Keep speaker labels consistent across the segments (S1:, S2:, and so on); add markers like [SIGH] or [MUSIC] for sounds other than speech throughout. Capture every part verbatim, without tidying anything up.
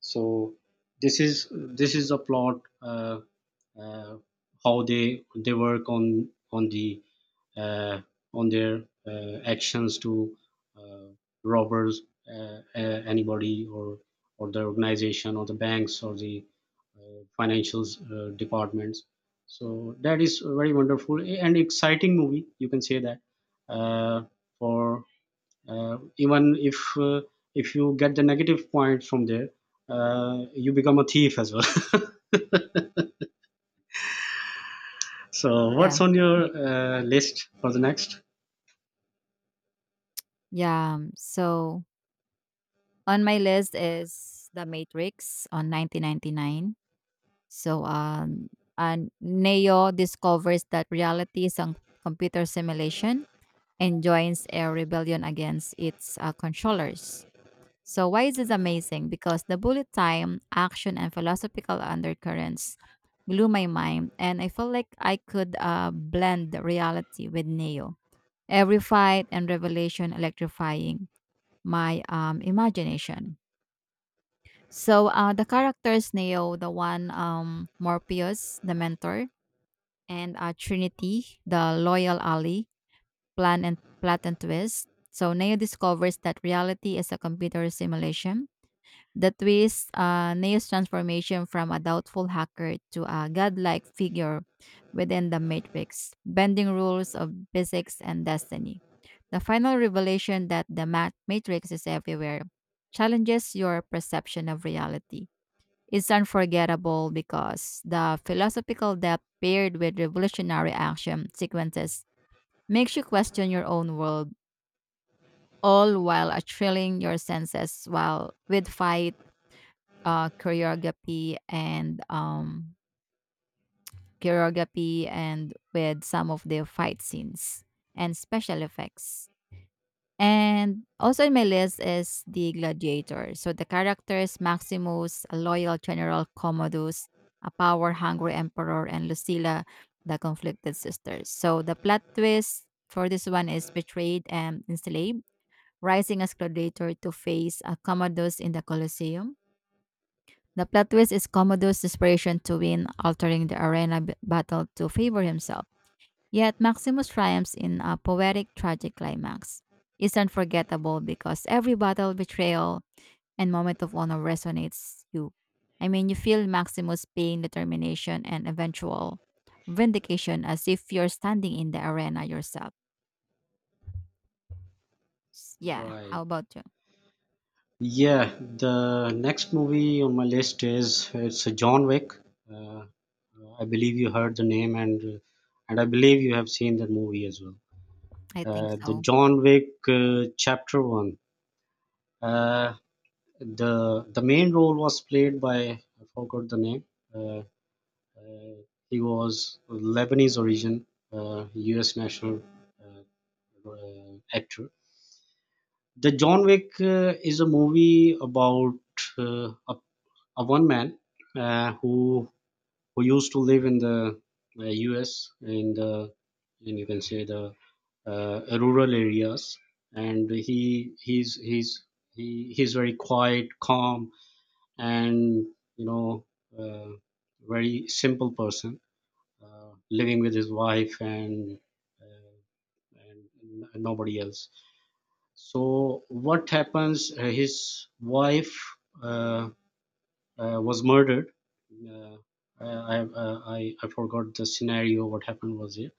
S1: so this is this is a plot, uh, uh, how they they work on on the uh, on their uh, actions to, uh, robbers, uh, uh, anybody, or or the organization, or the banks, or the uh, financials, uh, departments. So that is very wonderful and exciting movie, you can say that. Uh, for uh, Even if uh, if you get the negative points from there, uh, you become a thief as well. [LAUGHS] So
S2: Yeah.
S1: what's on your uh, list for the next?
S2: Yeah. um, So on my list is The Matrix on nineteen ninety-nine. So um and Neo discovers that reality is a computer simulation and joins a rebellion against its uh, controllers. So why is this amazing? Because the bullet time, action and philosophical undercurrents blew my mind and I felt like I could uh, blend the reality with Neo. Every fight and revelation electrifying my um, imagination. So uh, the characters Neo, the one um, Morpheus, the mentor, and uh, Trinity, the loyal ally, plan and plot and twist. So Neo discovers that reality is a computer simulation. The twist, uh, Neo's transformation from a doubtful hacker to a godlike figure within the Matrix, bending rules of physics and destiny. The final revelation that the mat- matrix is everywhere challenges your perception of reality. It's unforgettable because the philosophical depth paired with revolutionary action sequences makes you question your own world, all while uh, thrilling your senses while with fight, uh, choreography, and um, choreography, and with some of the fight scenes and special effects. And also in my list is the gladiator. So the characters Maximus, a loyal general Commodus, a power hungry emperor, and Lucilla, the conflicted sisters. So the plot twist for this one is betrayed and enslaved, rising as gladiator to face a Commodus in the Colosseum. The plot twist is Commodus' desperation to win, altering the arena b- battle to favor himself. Yet Maximus triumphs in a poetic tragic climax. It's unforgettable because every battle, betrayal, and moment of honor resonates you. I mean, you feel Maximus' pain, determination, and eventual vindication as if you're standing in the arena yourself. S- Yeah, how
S1: Right,
S2: about you?
S1: yeah, the next movie on my list is, it's John Wick. uh, I believe you heard the name, and uh, and I believe you have seen that movie as well.
S2: I think
S1: uh, The
S2: so.
S1: John Wick uh, chapter one, uh, the the main role was played by, I forgot the name. uh, Uh, He was of Lebanese origin, uh, U S national uh, uh, actor. The John Wick uh, is a movie about uh, a, a one man, uh, who who used to live in the uh, U S, in the, in, you can say, the uh, rural areas. And he he's he's he, he's very quiet, calm, and, you know, uh, very simple person, uh, living with his wife and, uh, and n- nobody else. So what happens? Uh, his wife uh, uh, was murdered. Uh, I, I uh, I I forgot the scenario. What happened was it?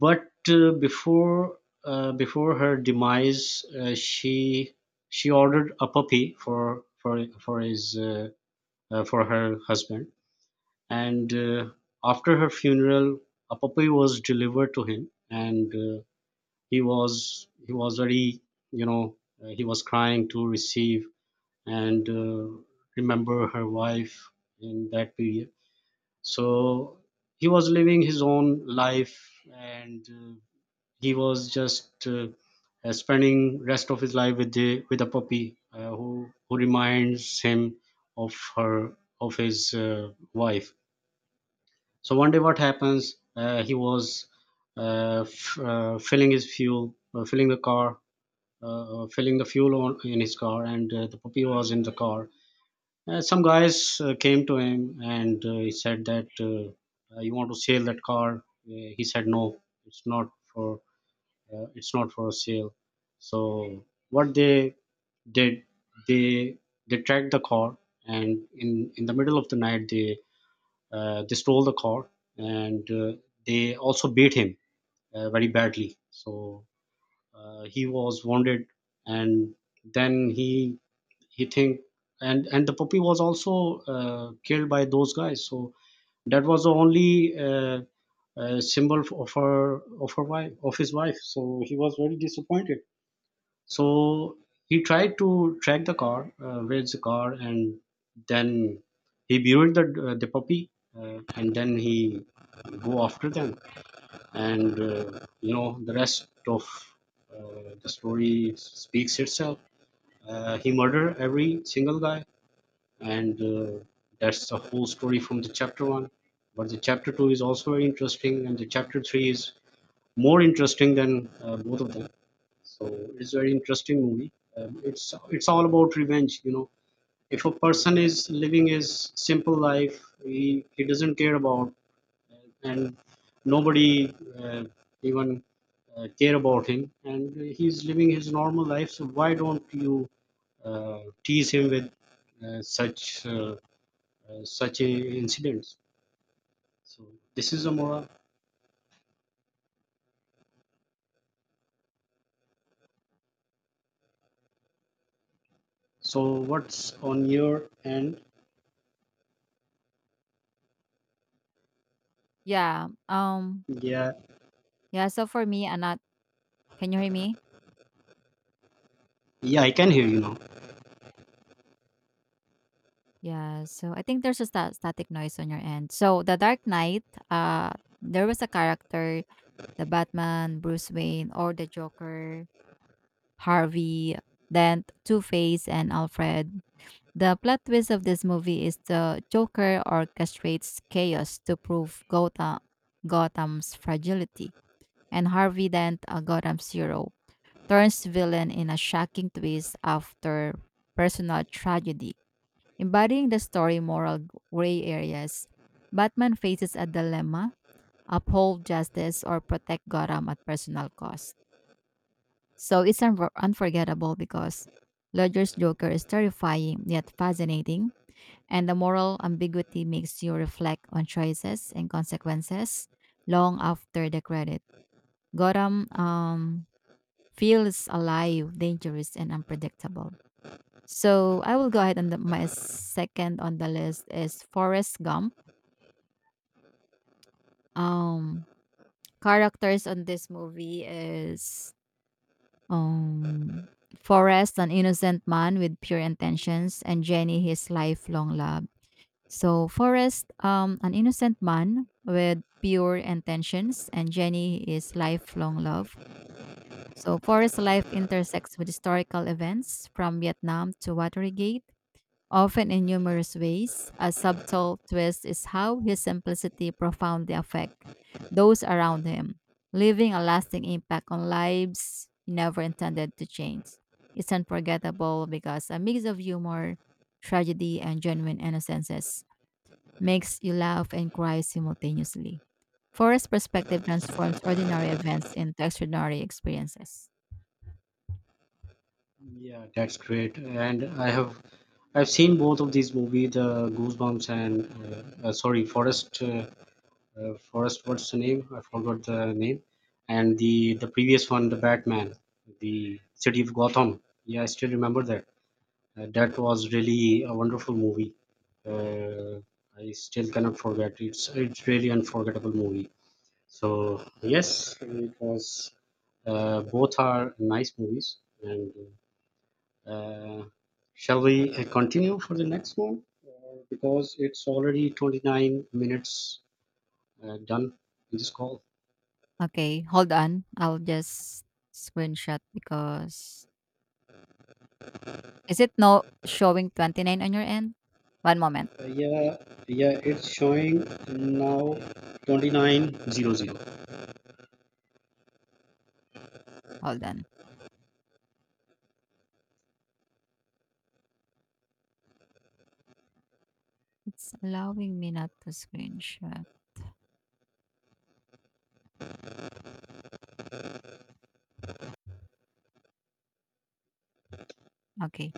S1: But uh, before uh, before her demise, uh, she she ordered a puppy for for for his, uh, uh, for her husband, and uh, after her funeral a puppy was delivered to him. And uh, he was he was very, you know, uh, he was crying to receive, and uh, remember her wife in that period. So he was living his own life, and uh, he was just, uh, uh, spending rest of his life with the with a puppy uh, who who reminds him of her, of his, uh, wife. So one day, what happens? Uh, he was uh, f- uh, filling his fuel, uh, filling the car, uh, uh, filling the fuel on in his car, and uh, the puppy was in the car. Uh, some guys uh, came to him, and uh, he said that, uh, uh, you want to sell that car. Uh, he said no, it's not for, uh, it's not for sale. So what they did, they they tracked the car, and in in the middle of the night, they, uh, they stole the car, and uh, they also beat him uh, very badly. So uh, he was wounded, and then he he think. And and the puppy was also, uh, killed by those guys. So that was the only, uh, uh, symbol of her, of her wife, of his wife. So he was very disappointed. So he tried to track the car, uh, where's the car, and then he buried the, uh, the puppy, uh, and then he go after them. And, uh, you know, the rest of, uh, the story speaks itself. Uh, he murdered every single guy, and uh, that's the whole story from the chapter one. But the chapter two is also very interesting, and the chapter three is more interesting than uh, both of them. So it's very interesting movie. Um, it's it's all about revenge. You know, if a person is living his simple life, he he doesn't care about, uh, and nobody, uh, even uh, care about him, and he's living his normal life. So why don't you uh, tease him with, uh, such uh, uh, such a incidents? So this is a moral. So what's on your end?
S2: Yeah. Um.
S1: Yeah,
S2: Yeah. So for me, Anat, can you hear me?
S1: yeah, I can hear you now.
S2: Yeah. So I think there's a sta- static noise on your end. So the Dark Knight. Uh, there was a character the Batman, Bruce Wayne, or the Joker, Harvey Dent, Two Face, and Alfred. The plot twist of this movie is the Joker orchestrates chaos to prove Gotham, Gotham's fragility, and Harvey Dent, a Gotham's hero, turns villain in a shocking twist after personal tragedy. Embodying the story moral gray areas, Batman faces a dilemma uphold justice or protect Gotham at personal cost. So it's unfor- unforgettable because Ledger's Joker is terrifying yet fascinating, and the moral ambiguity makes you reflect on choices and consequences long after the credit. Gotham um, feels alive, dangerous, and unpredictable. So I will go ahead and the, my second on the list is Forrest Gump. Um, Characters on this movie is Um, Forrest, an innocent man with pure intentions, and Jenny, his lifelong love. So Forrest, um, an innocent man with pure intentions, and Jenny is lifelong love. So Forrest's life intersects with historical events from Vietnam to Watergate often in humorous ways. A subtle twist is how his simplicity profoundly affects those around him, leaving a lasting impact on lives he never intended to change. It's unforgettable because a mix of humor, tragedy, and genuine innocences makes you laugh and cry simultaneously. Forrest's perspective transforms ordinary events into extraordinary experiences.
S1: Yeah, that's great. And I have, I've seen both of these movies, the Goosebumps and, uh, uh, sorry, Forest. Uh, uh, Forest, what's the name? I forgot the name. And the the previous one, the Batman, the City of Gotham. Yeah, I still remember that. Uh, that was really a wonderful movie. Uh, I still cannot forget. It's it's really unforgettable movie. So yes, it was. Uh, both are nice movies. And. uh, uh, shall we uh, continue for the next one? Because it's already twenty nine minutes uh, done in this call.
S2: Okay, hold on. I'll just screenshot because is it no showing twenty nine on your end? One moment,
S1: Uh, yeah, yeah, it's showing now twenty nine oh oh.
S2: hold on. It's allowing me not to screenshot, okay.